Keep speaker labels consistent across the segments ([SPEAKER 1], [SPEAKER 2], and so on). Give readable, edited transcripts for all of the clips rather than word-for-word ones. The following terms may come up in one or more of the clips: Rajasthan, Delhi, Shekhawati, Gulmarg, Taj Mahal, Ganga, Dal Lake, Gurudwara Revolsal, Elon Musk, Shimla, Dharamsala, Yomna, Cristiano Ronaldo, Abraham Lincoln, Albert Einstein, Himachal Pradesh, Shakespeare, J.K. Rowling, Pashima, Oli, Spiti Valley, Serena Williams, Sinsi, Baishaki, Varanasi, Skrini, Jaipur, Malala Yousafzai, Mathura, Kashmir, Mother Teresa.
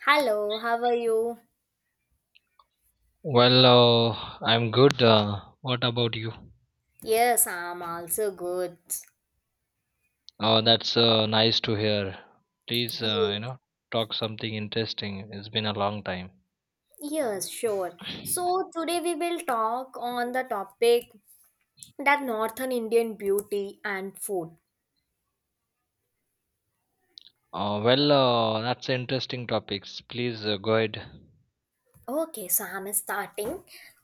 [SPEAKER 1] Hello, how are you?
[SPEAKER 2] Well, I'm good. What about you?
[SPEAKER 1] Yes, I'm also good.
[SPEAKER 2] Oh, that's nice to hear. Please,
[SPEAKER 1] You?
[SPEAKER 2] talk something interesting. It's been a long time.
[SPEAKER 1] Yes, sure. So today we will talk on the topic that Northern Indian beauty and food.
[SPEAKER 2] That's interesting topics. Please go ahead.
[SPEAKER 1] Okay, so I'm starting.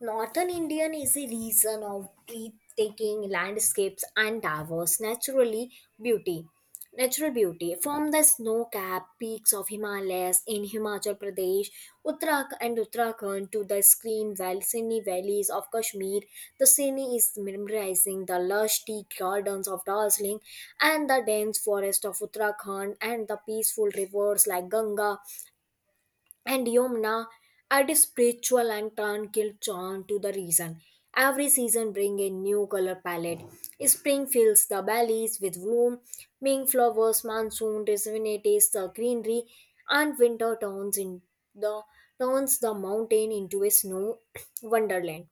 [SPEAKER 1] Northern Indian is a region of breathtaking landscapes and diverse naturally beauty. Natural beauty from the snow-capped peaks of Himalayas in Himachal Pradesh, Uttarakhand to the sunny valleys of Kashmir. The scenery is mesmerizing, the lush tea gardens of Darjeeling and the dense forest of Uttarakhand and the peaceful rivers like Ganga and Yomna add a spiritual and tranquil charm to the reason. Every season bring a new color palette. Spring fills the valleys with bloom, Ming flowers, monsoon rejuvenates the greenery, and winter turns in the turns the mountain into a snow wonderland.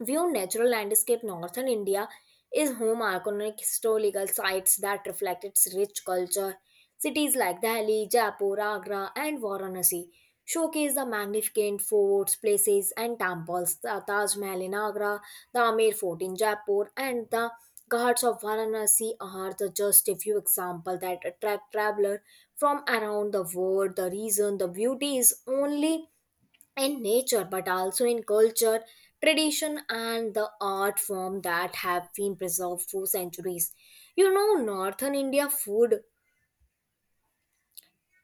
[SPEAKER 1] View natural landscape northern India is home iconic historical sites that reflect its rich culture. Cities like Delhi, Jaipur, Agra, and Varanasi showcase the magnificent forts, places, and temples. The Taj Mahal in Agra, the Amir Fort in Jaipur, and the Ghats of Varanasi are the just a few examples that attract travelers from around the world. The reason the beauty is only in nature but also in culture, tradition, and the art form that have been preserved for centuries. You know, northern India food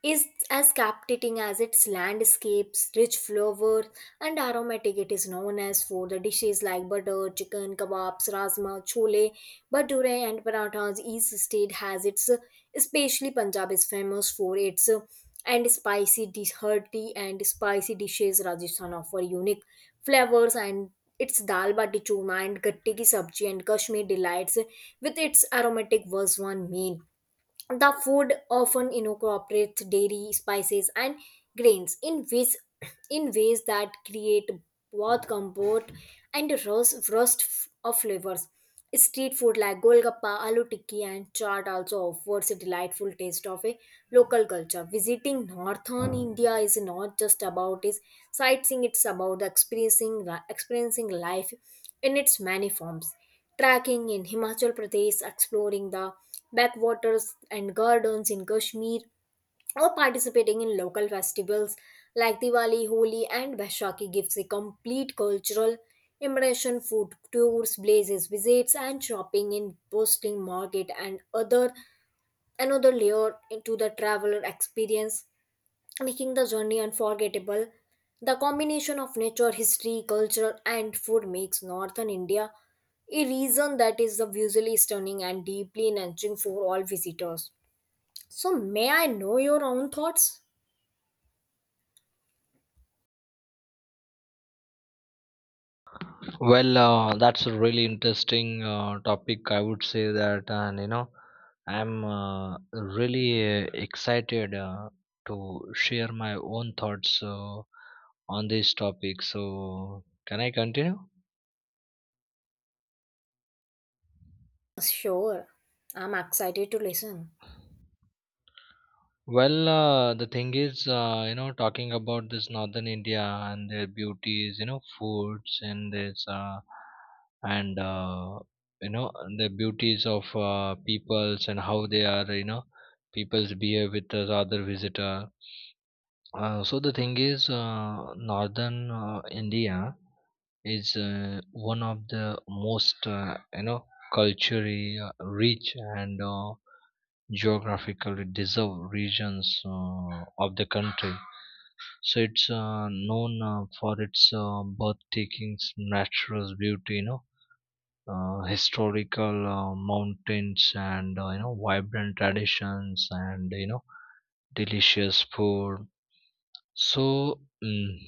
[SPEAKER 1] is as captivating as its landscapes, rich flavors, and aromatic. It is known as for the dishes like butter, chicken, kebabs, rasma, chole, bhature, and parathas. Each state has its, especially Punjab is famous for its and spicy hearty and spicy dishes. Rajasthan offer unique flavors and its dal bati churma and gatte ki sabji, and Kashmir delights with its aromatic was one main. The food often incorporates dairy, spices, and grains in ways that create both comfort and roast, roast f- of flavors. Street food like golgappa, aloo tikki, and chaat also offers a delightful taste of a local culture. Visiting northern India is not just about its sightseeing; it's about experiencing life in its many forms. Tracking in Himachal Pradesh, exploring the backwaters and gardens in Kashmir, or participating in local festivals like Diwali, Holi, and Vaishakhi gives a complete cultural immersion. Food tours, blazes, visits, and shopping in posting market and other another layer to the traveler experience, making the journey unforgettable. The combination of nature, history, culture, and food makes northern India a region that is visually stunning and deeply enriching for all visitors. So, may I know your own thoughts?
[SPEAKER 2] That's a really interesting topic. I would say that, and I'm really excited to share my own thoughts on this topic. So, can I continue?
[SPEAKER 1] Sure, I'm excited to listen.
[SPEAKER 2] The thing is, talking about this northern India and their beauties, foods and this, and you know, the beauties of peoples and how they are, peoples behave with the other visitor. So the thing is, northern India is one of the most, culturally rich and geographically deserved regions of the country. So it's known for its breathtaking's natural beauty, historical mountains and vibrant traditions and delicious food. So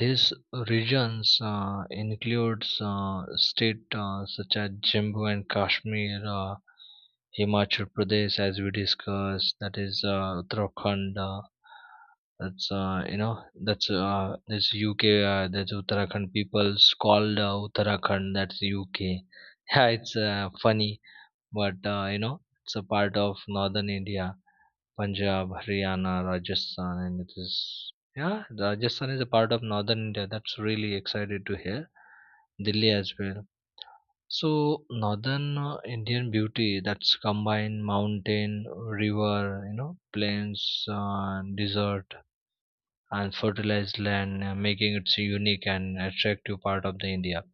[SPEAKER 2] these regions includes state such as Jammu and Kashmir. Himachal Pradesh, as we discussed, that is Uttarakhand. That's you know that's this UK. That's Uttarakhand people's called Uttarakhand. That's UK. Yeah, it's funny, but it's a part of northern India, Punjab, Haryana, Rajasthan, and it is yeah. Rajasthan is a part of northern India. That's really excited to hear. Delhi as well. So northern Indian beauty that's combine mountain, river, plains, desert, and fertilized land, making it a unique and attractive part of the India.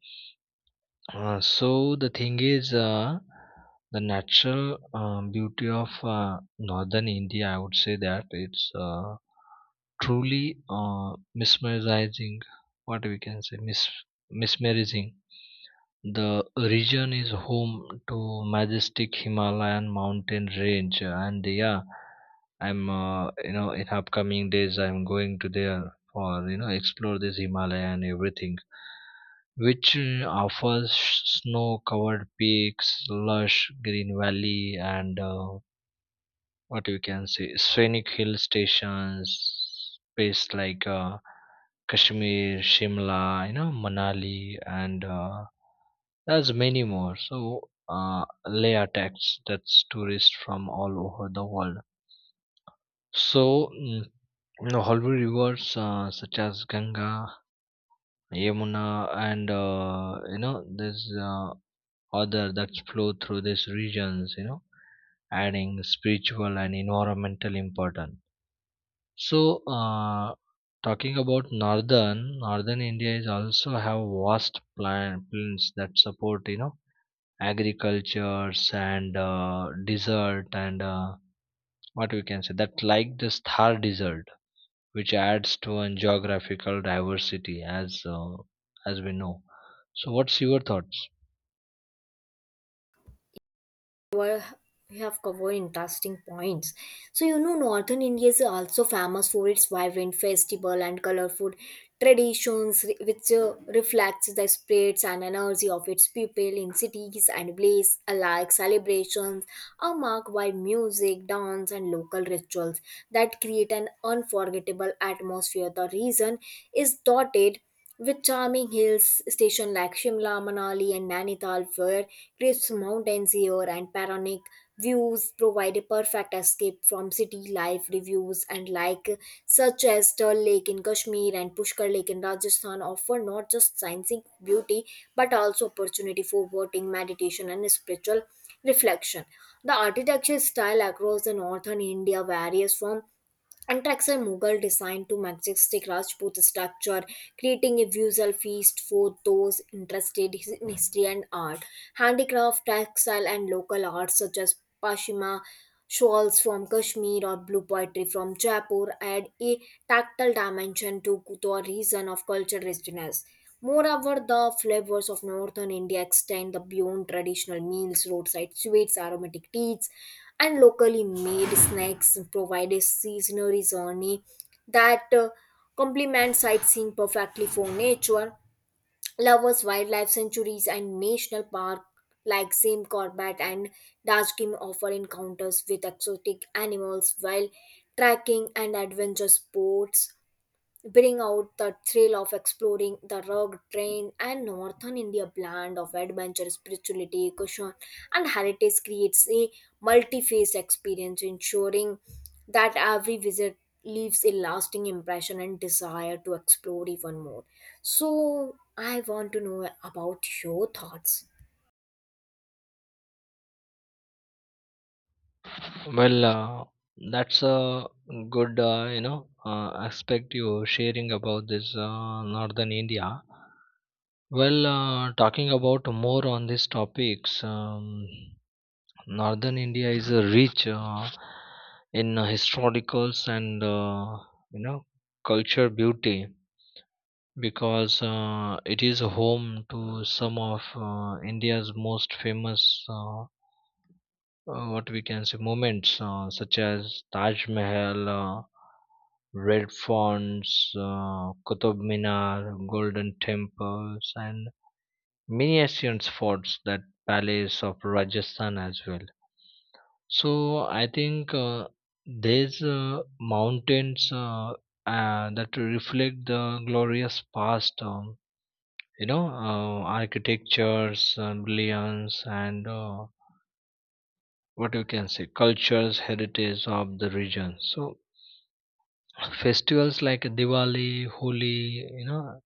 [SPEAKER 2] So the thing is, the natural beauty of northern India, I would say that it's truly mesmerizing. What we can say, mesmerizing. The region is home to majestic Himalayan mountain range, and yeah, I'm in upcoming days I'm going to there for explore this Himalaya and everything, which offers snow-covered peaks, lush green valley, and what you can say scenic hill stations, places like Kashmir, Shimla, Manali, and there's many more. So Leh attracts that's tourists from all over the world. So holy rivers such as Ganga, Yamuna, and there's other that flow through these regions, adding spiritual and environmental importance. So talking about northern India is also have vast plan plains that support agricultures and desert and what we can say that like the thar desert which adds to an geographical diversity as we know. So what's your thoughts?
[SPEAKER 1] Well, you have covered interesting points. So you know, Northern India is also famous for its vibrant festival and colorful traditions, which reflects the spirits and energy of its people in cities and villages alike. Celebrations are marked by music, dance, and local rituals that create an unforgettable atmosphere. The region is dotted with charming hills station like Shimla, Manali, and Nainital, where crisp mountains air and panoramic views provide a perfect escape from city life reviews and like such as Dal Lake in Kashmir and Pushkar Lake in Rajasthan offer not just scientific beauty but also opportunity for voting, meditation and spiritual reflection. The architecture style across the northern India varies from Attacks are Mughal designed to majestic Rajput structure, creating a visual feast for those interested in history and art. Handicraft, textile, and local arts such as Pashima shawls from Kashmir or blue pottery from Jaipur add a tactile dimension to the region of cultural richness. Moreover, the flavors of northern India extend the beyond traditional meals, roadside sweets, aromatic teas, and locally made snacks provide a seasonal journey that complements sightseeing perfectly for nature lovers, wildlife sanctuaries, and national park like Zim Corbett and Dashkim offer encounters with exotic animals while trekking and adventure sports bring out the thrill of exploring the rugged terrain and northern India blend of adventure, spirituality, caution, and heritage creates a multi-phase experience, ensuring that every visit leaves a lasting impression and desire to explore even more. So, I want to know about your thoughts.
[SPEAKER 2] well uh, that's a good aspect you sharing about this northern india. Talking about more on these topics, northern india is rich in historicals and you know culture beauty because it is home to some of india's most famous what we can say moments such as taj mahal, red fonts, qutub minar, golden temples, and many ancient forts, that palace of rajasthan as well. So I think there's mountains that reflect the glorious past. Architectures, brilliance, and what you can say, cultures, heritage of the region. So festivals like Diwali, Holi,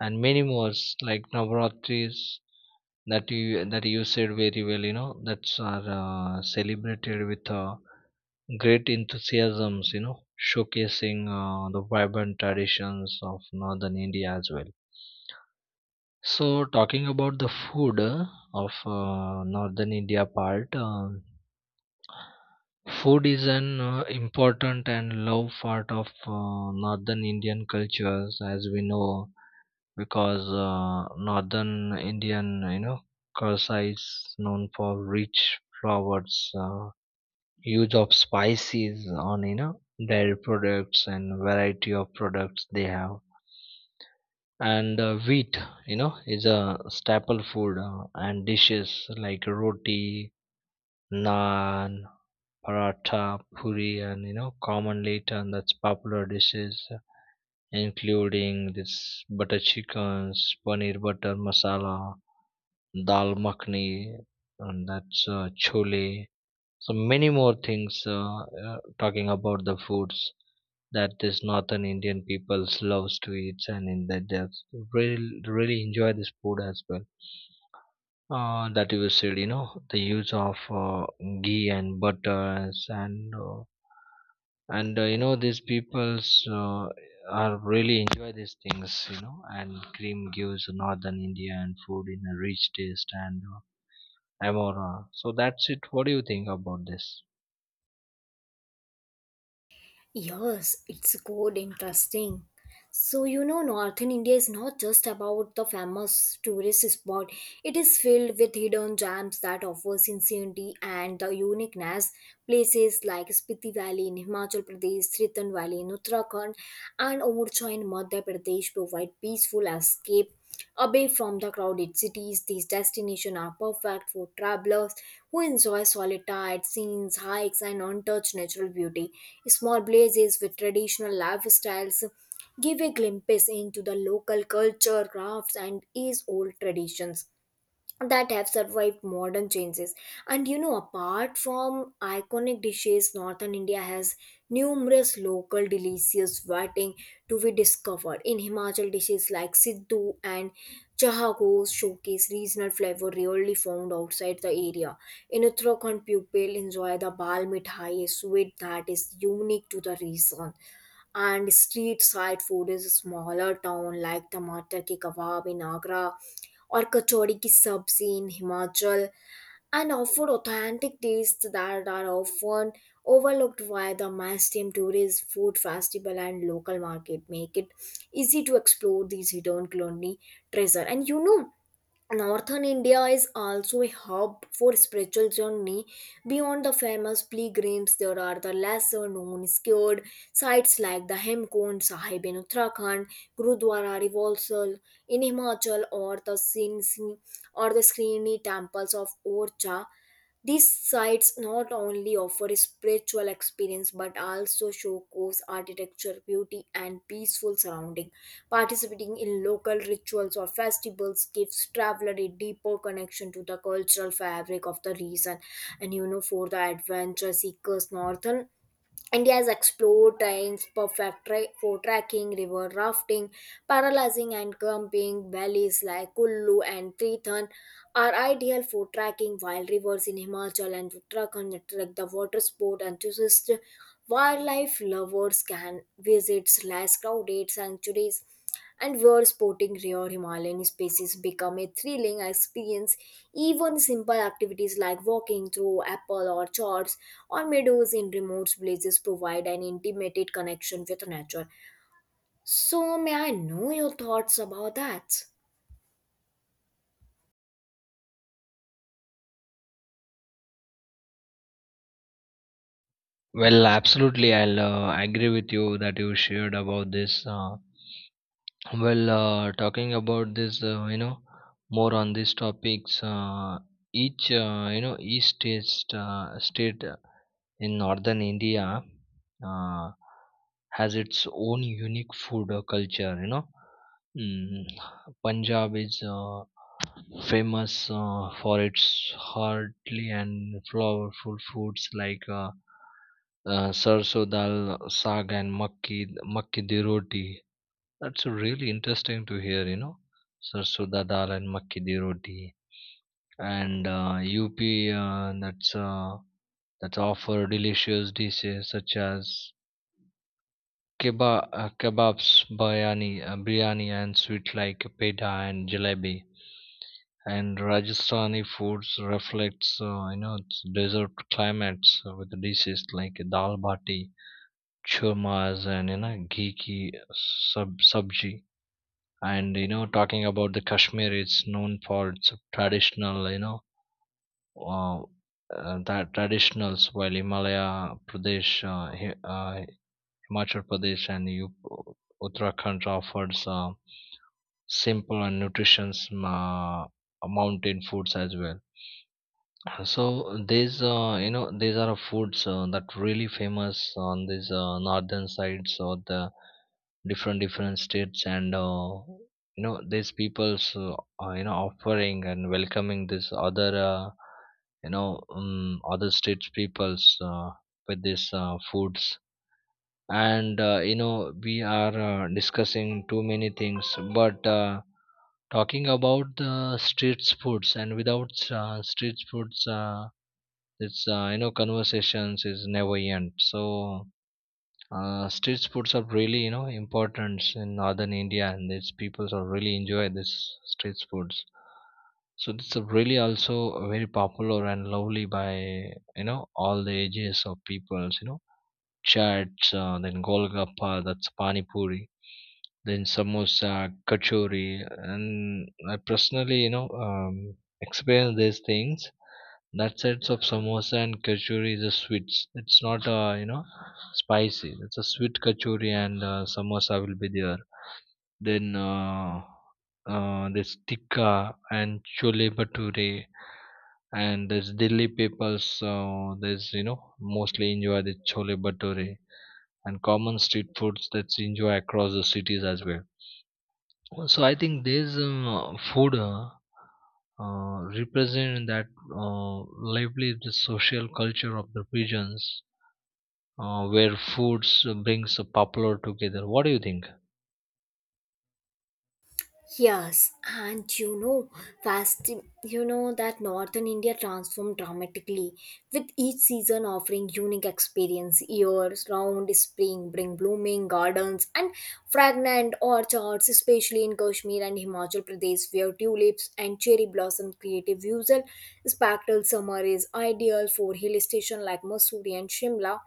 [SPEAKER 2] and many more like Navaratris that you said very well. You know, that's are celebrated with. Great enthusiasms, showcasing the vibrant traditions of northern India as well. So, talking about the food of northern India part, food is an important and love part of northern Indian cultures, as we know, because northern Indian, culture is known for rich flowers. Use of spices on dairy products and variety of products they have and wheat is a staple food and dishes like roti, naan, paratha, puri, and commonly eaten that's popular dishes including this butter chickens, paneer butter masala, dal makhni, and that's chole, so many more things. Talking about the foods that this northern Indian peoples loves to eat and in that they have really enjoy this food as well. That you said, you know, the use of ghee and butters and these peoples are really enjoy these things, you know, and cream gives northern Indian food in a rich taste and amora. So that's it. What do you think about this?
[SPEAKER 1] Yes, it's good, interesting. So, you know, northern India is not just about the famous tourist spot. It is filled with hidden gems that offer sincerity and the uniqueness. Places like Spiti Valley in Himachal Pradesh, Triton Valley in Uttarakhand, and Orcha in Madhya Pradesh provide peaceful escape away from the crowded cities. These destinations are perfect for travelers who enjoy solitary scenes, hikes, and untouched natural beauty. Small places with traditional lifestyles give a glimpse into the local culture, crafts, and its old traditions that have survived modern changes. And you know, apart from iconic dishes, northern India has numerous local delicious waiting to be discovered in Himachal. Dishes like siddhu and chahagos showcase regional flavor rarely found outside the area. In Uttarakhand, people enjoy the bal mithai, a sweet that is unique to the region, and street side food is smaller town like tamatar ke kebab in Agra or kachori ki sabzi in Himachal and offer authentic tastes that are often overlooked by the mainstream tourist food festival and local market make it easy to explore these hidden culinary treasure. And you know, Northern India is also a hub for spiritual journey. Beyond the famous pilgrims, there are the lesser known scared sites like the Hemkund Sahib in Uttarakhand, Gurudwara Revolsal in Himachal, or the Sinsi or the Skrini temples of Orcha. These sites not only offer a spiritual experience but also showcase architecture, beauty, and peaceful surrounding. Participating in local rituals or festivals gives traveler a deeper connection to the cultural fabric of the region. And you know, for the adventure seekers, northern India has explored trains, for trekking, river rafting, paralyzing and camping. Valleys like Kullu and Triton are ideal for trekking, while rivers in Himachal and Uttarakhand attract the water sport enthusiasts. Wildlife lovers can visit less crowded sanctuaries and where sporting rare Himalayan species become a thrilling experience. Even simple activities like walking through apple orchards or meadows in remote places provide an intimate connection with nature. So, may I know your thoughts about that?
[SPEAKER 2] Well, absolutely. I'll agree with you that you shared about this. Well, talking about this, more on these topics. Each, each state in northern India uh, has its own unique food culture. Mm, Punjab is famous for its hearty and flavorful foods like sarso dal, saag, and makki di roti. That's really interesting to hear, you know. Sarsoda dal and makki di roti, and UP uh, that's uh, that's offer delicious dishes such as kebabs, biryani, and sweet like peda and jalebi. And Rajasthani foods reflects its desert climates with dishes like dal bati, churmas, and ghee ki sub sabji. And talking about the kashmir, it's known for its traditional uh, that traditionals, while himachal pradesh and uttarakhand offers simple and nutritious mountain foods as well. So these, these are foods that really famous on this northern sides of the different different states. And these people's are, you know, offering and welcoming this other other states peoples with these foods. And we are discussing too many things, but talking about the street foods, and without street foods it's you know conversations is never end. So street foods are really, important in northern india, and its peoples are really enjoy this street foods. So this is really also very popular and lovely by, all the ages of peoples, you know, chaats, then golgappa, that's pani puri, then samosa, kachori, and I personally, experience these things, that sets of samosa and kachori is a sweet. It's not spicy. It's a sweet kachori and samosa will be there. Then there's tikka and chole bhature, and there's Delhi people. So there's, mostly enjoy the chole bhature and common street foods that's enjoy across the cities as well. So I think this food represent that lively the social culture of the regions where foods brings the popular together. What do you think?
[SPEAKER 1] Yes, and you know, fast, you know that northern India transformed dramatically with each season offering unique experience. Years round spring bring blooming gardens and fragrant orchards, especially in Kashmir and Himachal Pradesh, where tulips and cherry blossom create a visual spectacle. Summer is ideal for hill stations like Mussoorie and Shimla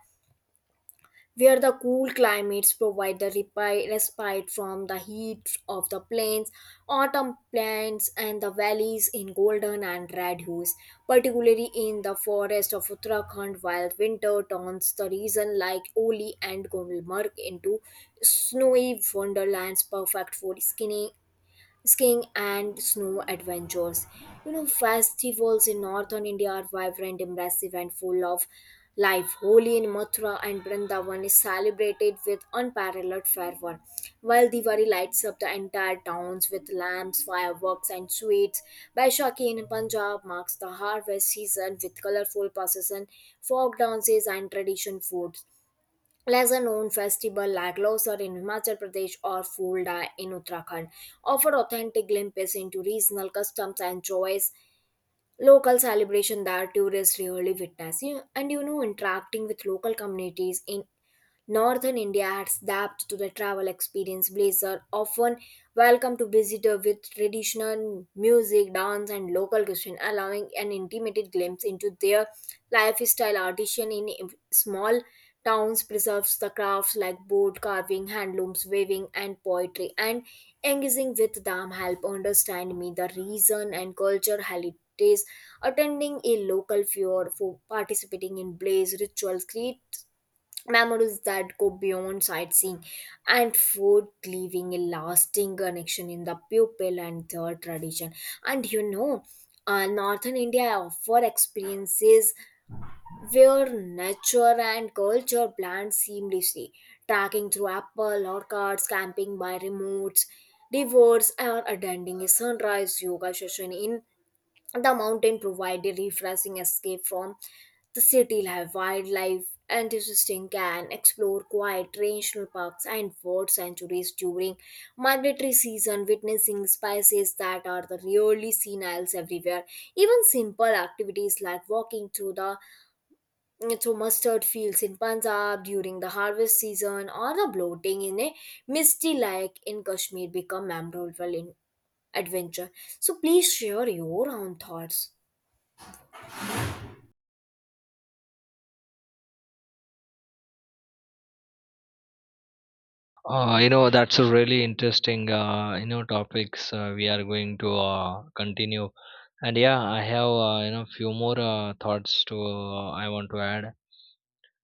[SPEAKER 1] where the cool climates provide the respite from the heat of the plains, autumn plains and the valleys in golden and red hues, particularly in the forest of Uttarakhand, while winter turns the region like Oli and Gulmarg into snowy wonderlands perfect for skiing and snow adventures. You know, festivals in northern India are vibrant, impressive, and full of life. Holi in Mathura and Vrindavan is celebrated with unparalleled fervor, while Diwali lights up the entire towns with lamps, fireworks, and sweets. Baishaki in Punjab marks the harvest season with colorful procession, folk dances, and tradition food. Lesser known festival like Losar in Himachal Pradesh or Fulda in Uttarakhand offer authentic glimpses into regional customs and joys, local celebration that tourists rarely witness. And you know, interacting with local communities in Northern India has adapted to the travel experience. Places are often welcome to visitor with traditional music, dance, and local cuisine, allowing an intimate glimpse into their lifestyle. Artisan in small towns preserves the crafts like boat carving, handlooms, weaving, and poetry, and engaging with them help understand me the reason and culture heritage attending a local fair for participating in blaze rituals creates memories that go beyond sightseeing and food leaving a lasting connection in the pupil and their tradition. And you know, northern India offer experiences where nature and culture blend seamlessly, tracking through apple orchards, camping by remote rivers, or attending a sunrise yoga session in the mountain provide a refreshing escape from the city life, wildlife, and interesting can explore quiet national parks and bird sanctuaries during migratory season, witnessing species that are the rarely seen else everywhere. Even simple activities like walking through mustard fields in Punjab during the harvest season or the bloating in a misty lake in Kashmir become memorable in adventure. So please share your own thoughts.
[SPEAKER 2] That's a really interesting topics we are going to continue. And yeah, I have few more thoughts to I want to add.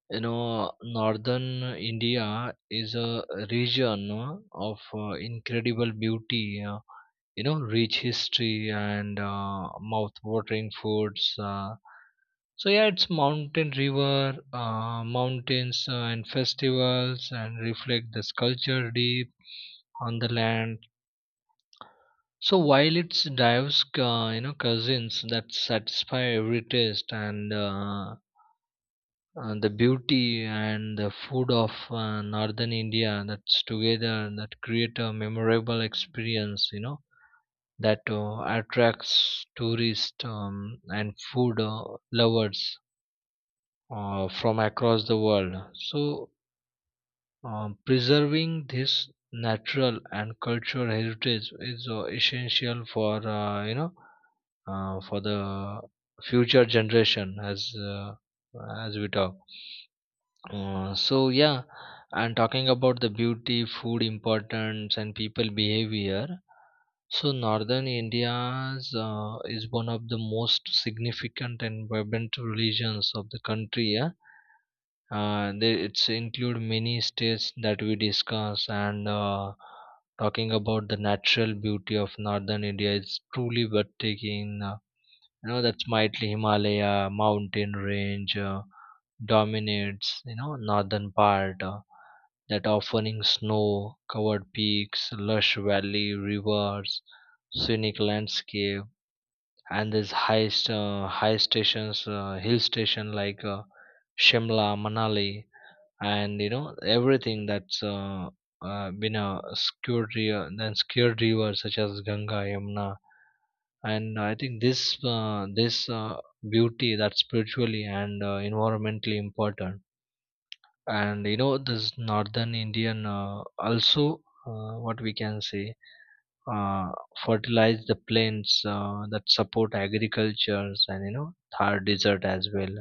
[SPEAKER 2] You know, northern India is a region of incredible beauty, rich history, and mouth-watering foods. So yeah, it's mountains and festivals and reflect the culture deep on the land. So while it's diverse, cousins that satisfy every taste. And the beauty and the food of northern india, that's together, that create a memorable experience, you know, that attracts tourists, and food lovers from across the world. So, preserving this natural and cultural heritage is essential for for the future generation as we talk. So yeah, and talking about the beauty, food importance, and people behavior. So northern India's is one of the most significant and vibrant regions of the country. Yeah, it's include many states that we discuss. And talking about the natural beauty of northern India is truly breathtaking. That's mighty Himalaya mountain range dominates. You know, northern part. That offering snow covered peaks, lush valley rivers, scenic landscape, and these high, st- high stations, hill station like Shimla, Manali, and everything. That's, been a scared river, then scared rivers such as Ganga, Yamuna, and I think this beauty that's spiritually and environmentally important. And this northern indian also what we can say uh, fertilize the plains that support agricultures, and thar desert as well,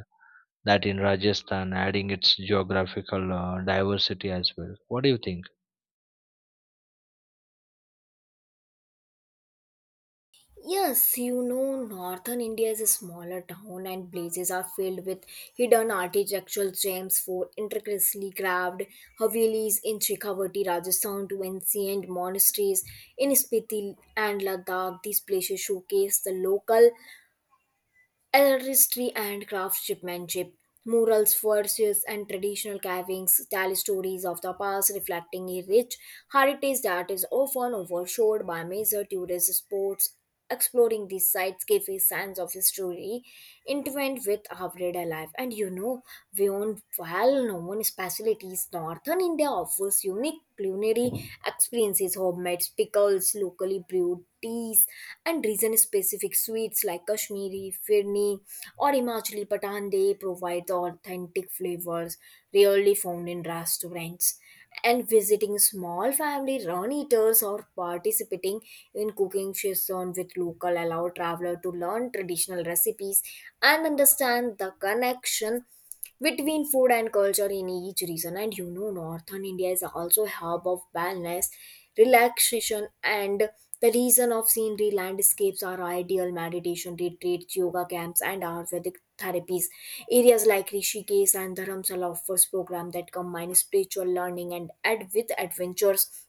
[SPEAKER 2] that in rajasthan, adding its geographical diversity as well. What do you think?
[SPEAKER 1] Yes, you know, northern India is a smaller town and places are filled with hidden architectural gems for intricately carved Havelis in Shekhawati, Rajasthan to ancient monasteries in Spiti and Ladakh. These places showcase the local artistry and craftsmanship, murals, verses, and traditional carvings tell stories of the past, reflecting a rich heritage that is often overshadowed by major tourist spots. Exploring these sites gives a sense of history intertwined with everyday life. And you know, beyond well-known specialties, northern India offers unique culinary experiences, homemade pickles, locally brewed teas, and region specific sweets like Kashmiri, Firni, or Himachali Patan. They provide the authentic flavors rarely found in restaurants. And visiting small family run eaters or participating in cooking sessions with local allow traveler to learn traditional recipes and understand the connection between food and culture in each region. And you know, northern India is also a hub of wellness relaxation, and the region of scenery landscapes are ideal meditation retreats, yoga camps, and ayurvedic therapies. Areas like Rishikesh and Dharamsala offers program that combine spiritual learning and ad with adventures,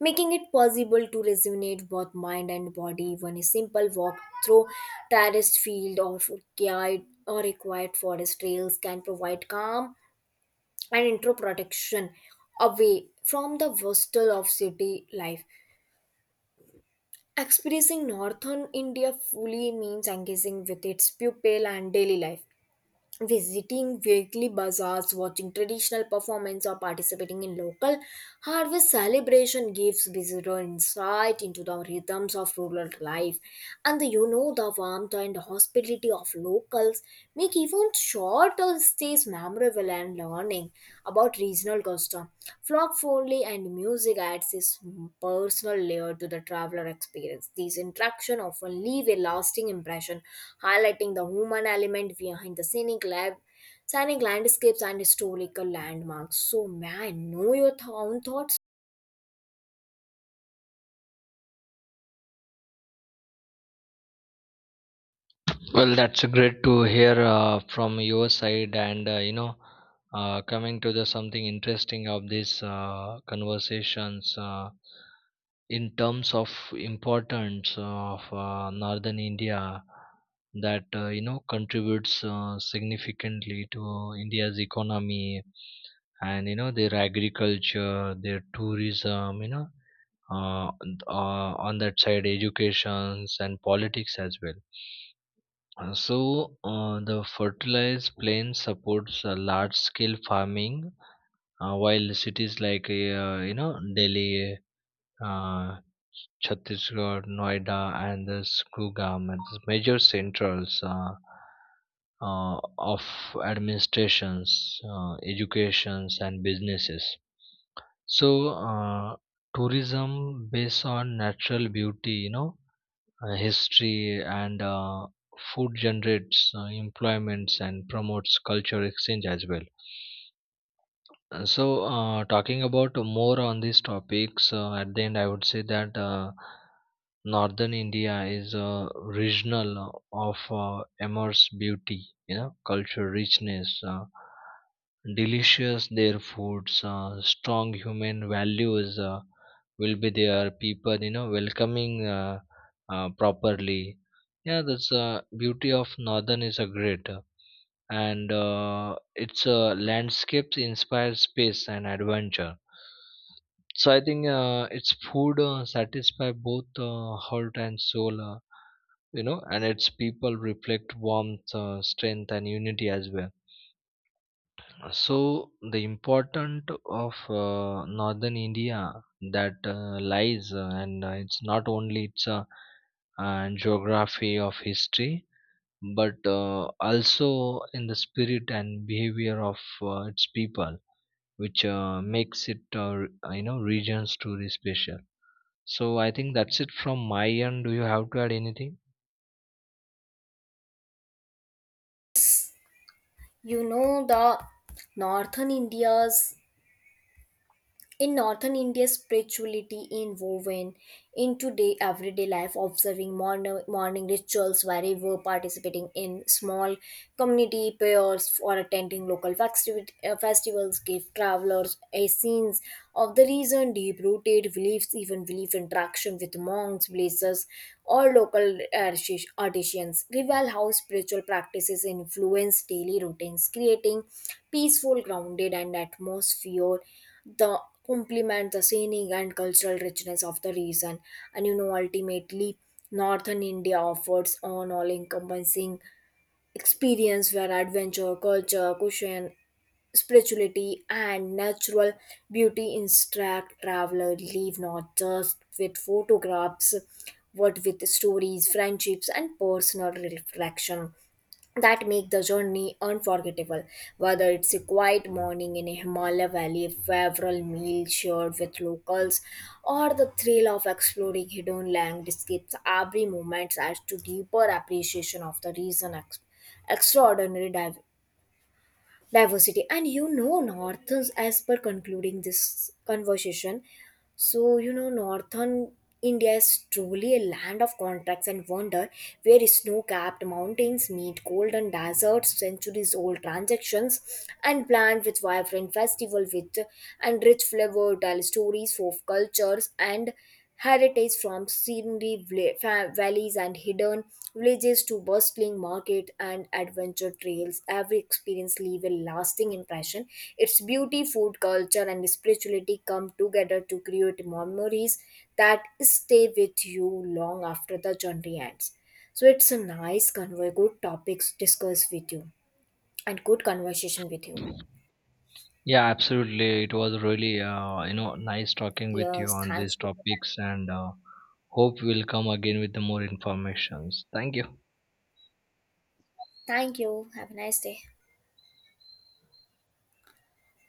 [SPEAKER 1] making it possible to resonate both mind and body. Even a simple walk through terraced field or quiet or a quiet forest trails can provide calm and intro protection away from the bustle of city life. Experiencing northern India fully means engaging with its pupil and daily life, visiting weekly bazaars, watching traditional performance, or participating in local harvest celebration gives visitor insight into the rhythms of rural life. And the, you know, the warmth and hospitality of locals make even short stays memorable and learning about regional custom, folk folly and music adds this personal layer to the traveler experience. These interactions often leave a lasting impression, highlighting the human element behind the scenic lab. Scenic landscapes and historical landmarks. So, may I know your own thoughts?
[SPEAKER 2] Well, that's great to hear from your side. And coming to the something interesting of these conversations in terms of importance of northern India, that contributes significantly to India's economy and their agriculture, their tourism, on that side educations and politics as well. So, the fertilized plain supports large-scale farming, while cities like Delhi, uh, Chhattisgarh, Noida, and the Gurugram, and the major centers of administrations, educations, and businesses. So, tourism based on natural beauty, history and food generates employments and promotes culture exchange as well. So, talking about more on these topics, at the end, I would say that northern India is a regional of immense beauty, culture richness, delicious their foods, strong human values will be there. People, welcoming properly. Yeah, that's beauty of northern is a great. And its landscapes inspire space and adventure. So I think its food satisfy both heart and soul. And its people reflect warmth, strength, and unity as well. So the important of northern India that lies, and it's not only its geography of history, but also in the spirit and behavior of its people, which makes it region story special. So I think that's it from my end. Do you have to add anything?
[SPEAKER 1] You know, the northern India's in northern India, spirituality woven into day everyday life, observing morning rituals wherever, participating in small community prayers, or attending local festivals give travelers a sense of the reason, deep-rooted beliefs, even belief interaction with monks, blazers, or local artisans reveal how spiritual practices influence daily routines, creating peaceful, grounded, and atmosphere the complement the scenic and cultural richness of the region. And you know, ultimately northern India offers an all encompassing experience where adventure culture cushion spirituality and natural beauty instruct traveler leave not just with photographs but with stories friendships and personal reflection that make the journey unforgettable. Whether it's a quiet morning in a Himalaya valley, a favorable meal shared with locals, or the thrill of exploring hidden landscapes, every moment adds to deeper appreciation of the reason extraordinary diversity. And you know, Northern as per concluding this conversation, so you know, Northern India is truly a land of contrasts and wonder where snow capped mountains meet golden deserts, centuries old transactions, and planned with vibrant festival with and rich flavor, tell stories, folk cultures, and Heritage from scenery valleys and hidden villages to bustling market and adventure trails, every experience leave a lasting impression. Its beauty, food, culture, and spirituality come together to create memories that stay with you long after the journey ends. So it's a nice convo, good topics discussed with you, and good conversation with you.
[SPEAKER 2] Yeah, absolutely. It was really nice talking with you
[SPEAKER 1] Yes,
[SPEAKER 2] on
[SPEAKER 1] thanks
[SPEAKER 2] these
[SPEAKER 1] for your
[SPEAKER 2] topics. And hope we'll come again with the more informations. Thank you.
[SPEAKER 1] time. Thank you. Have a nice day.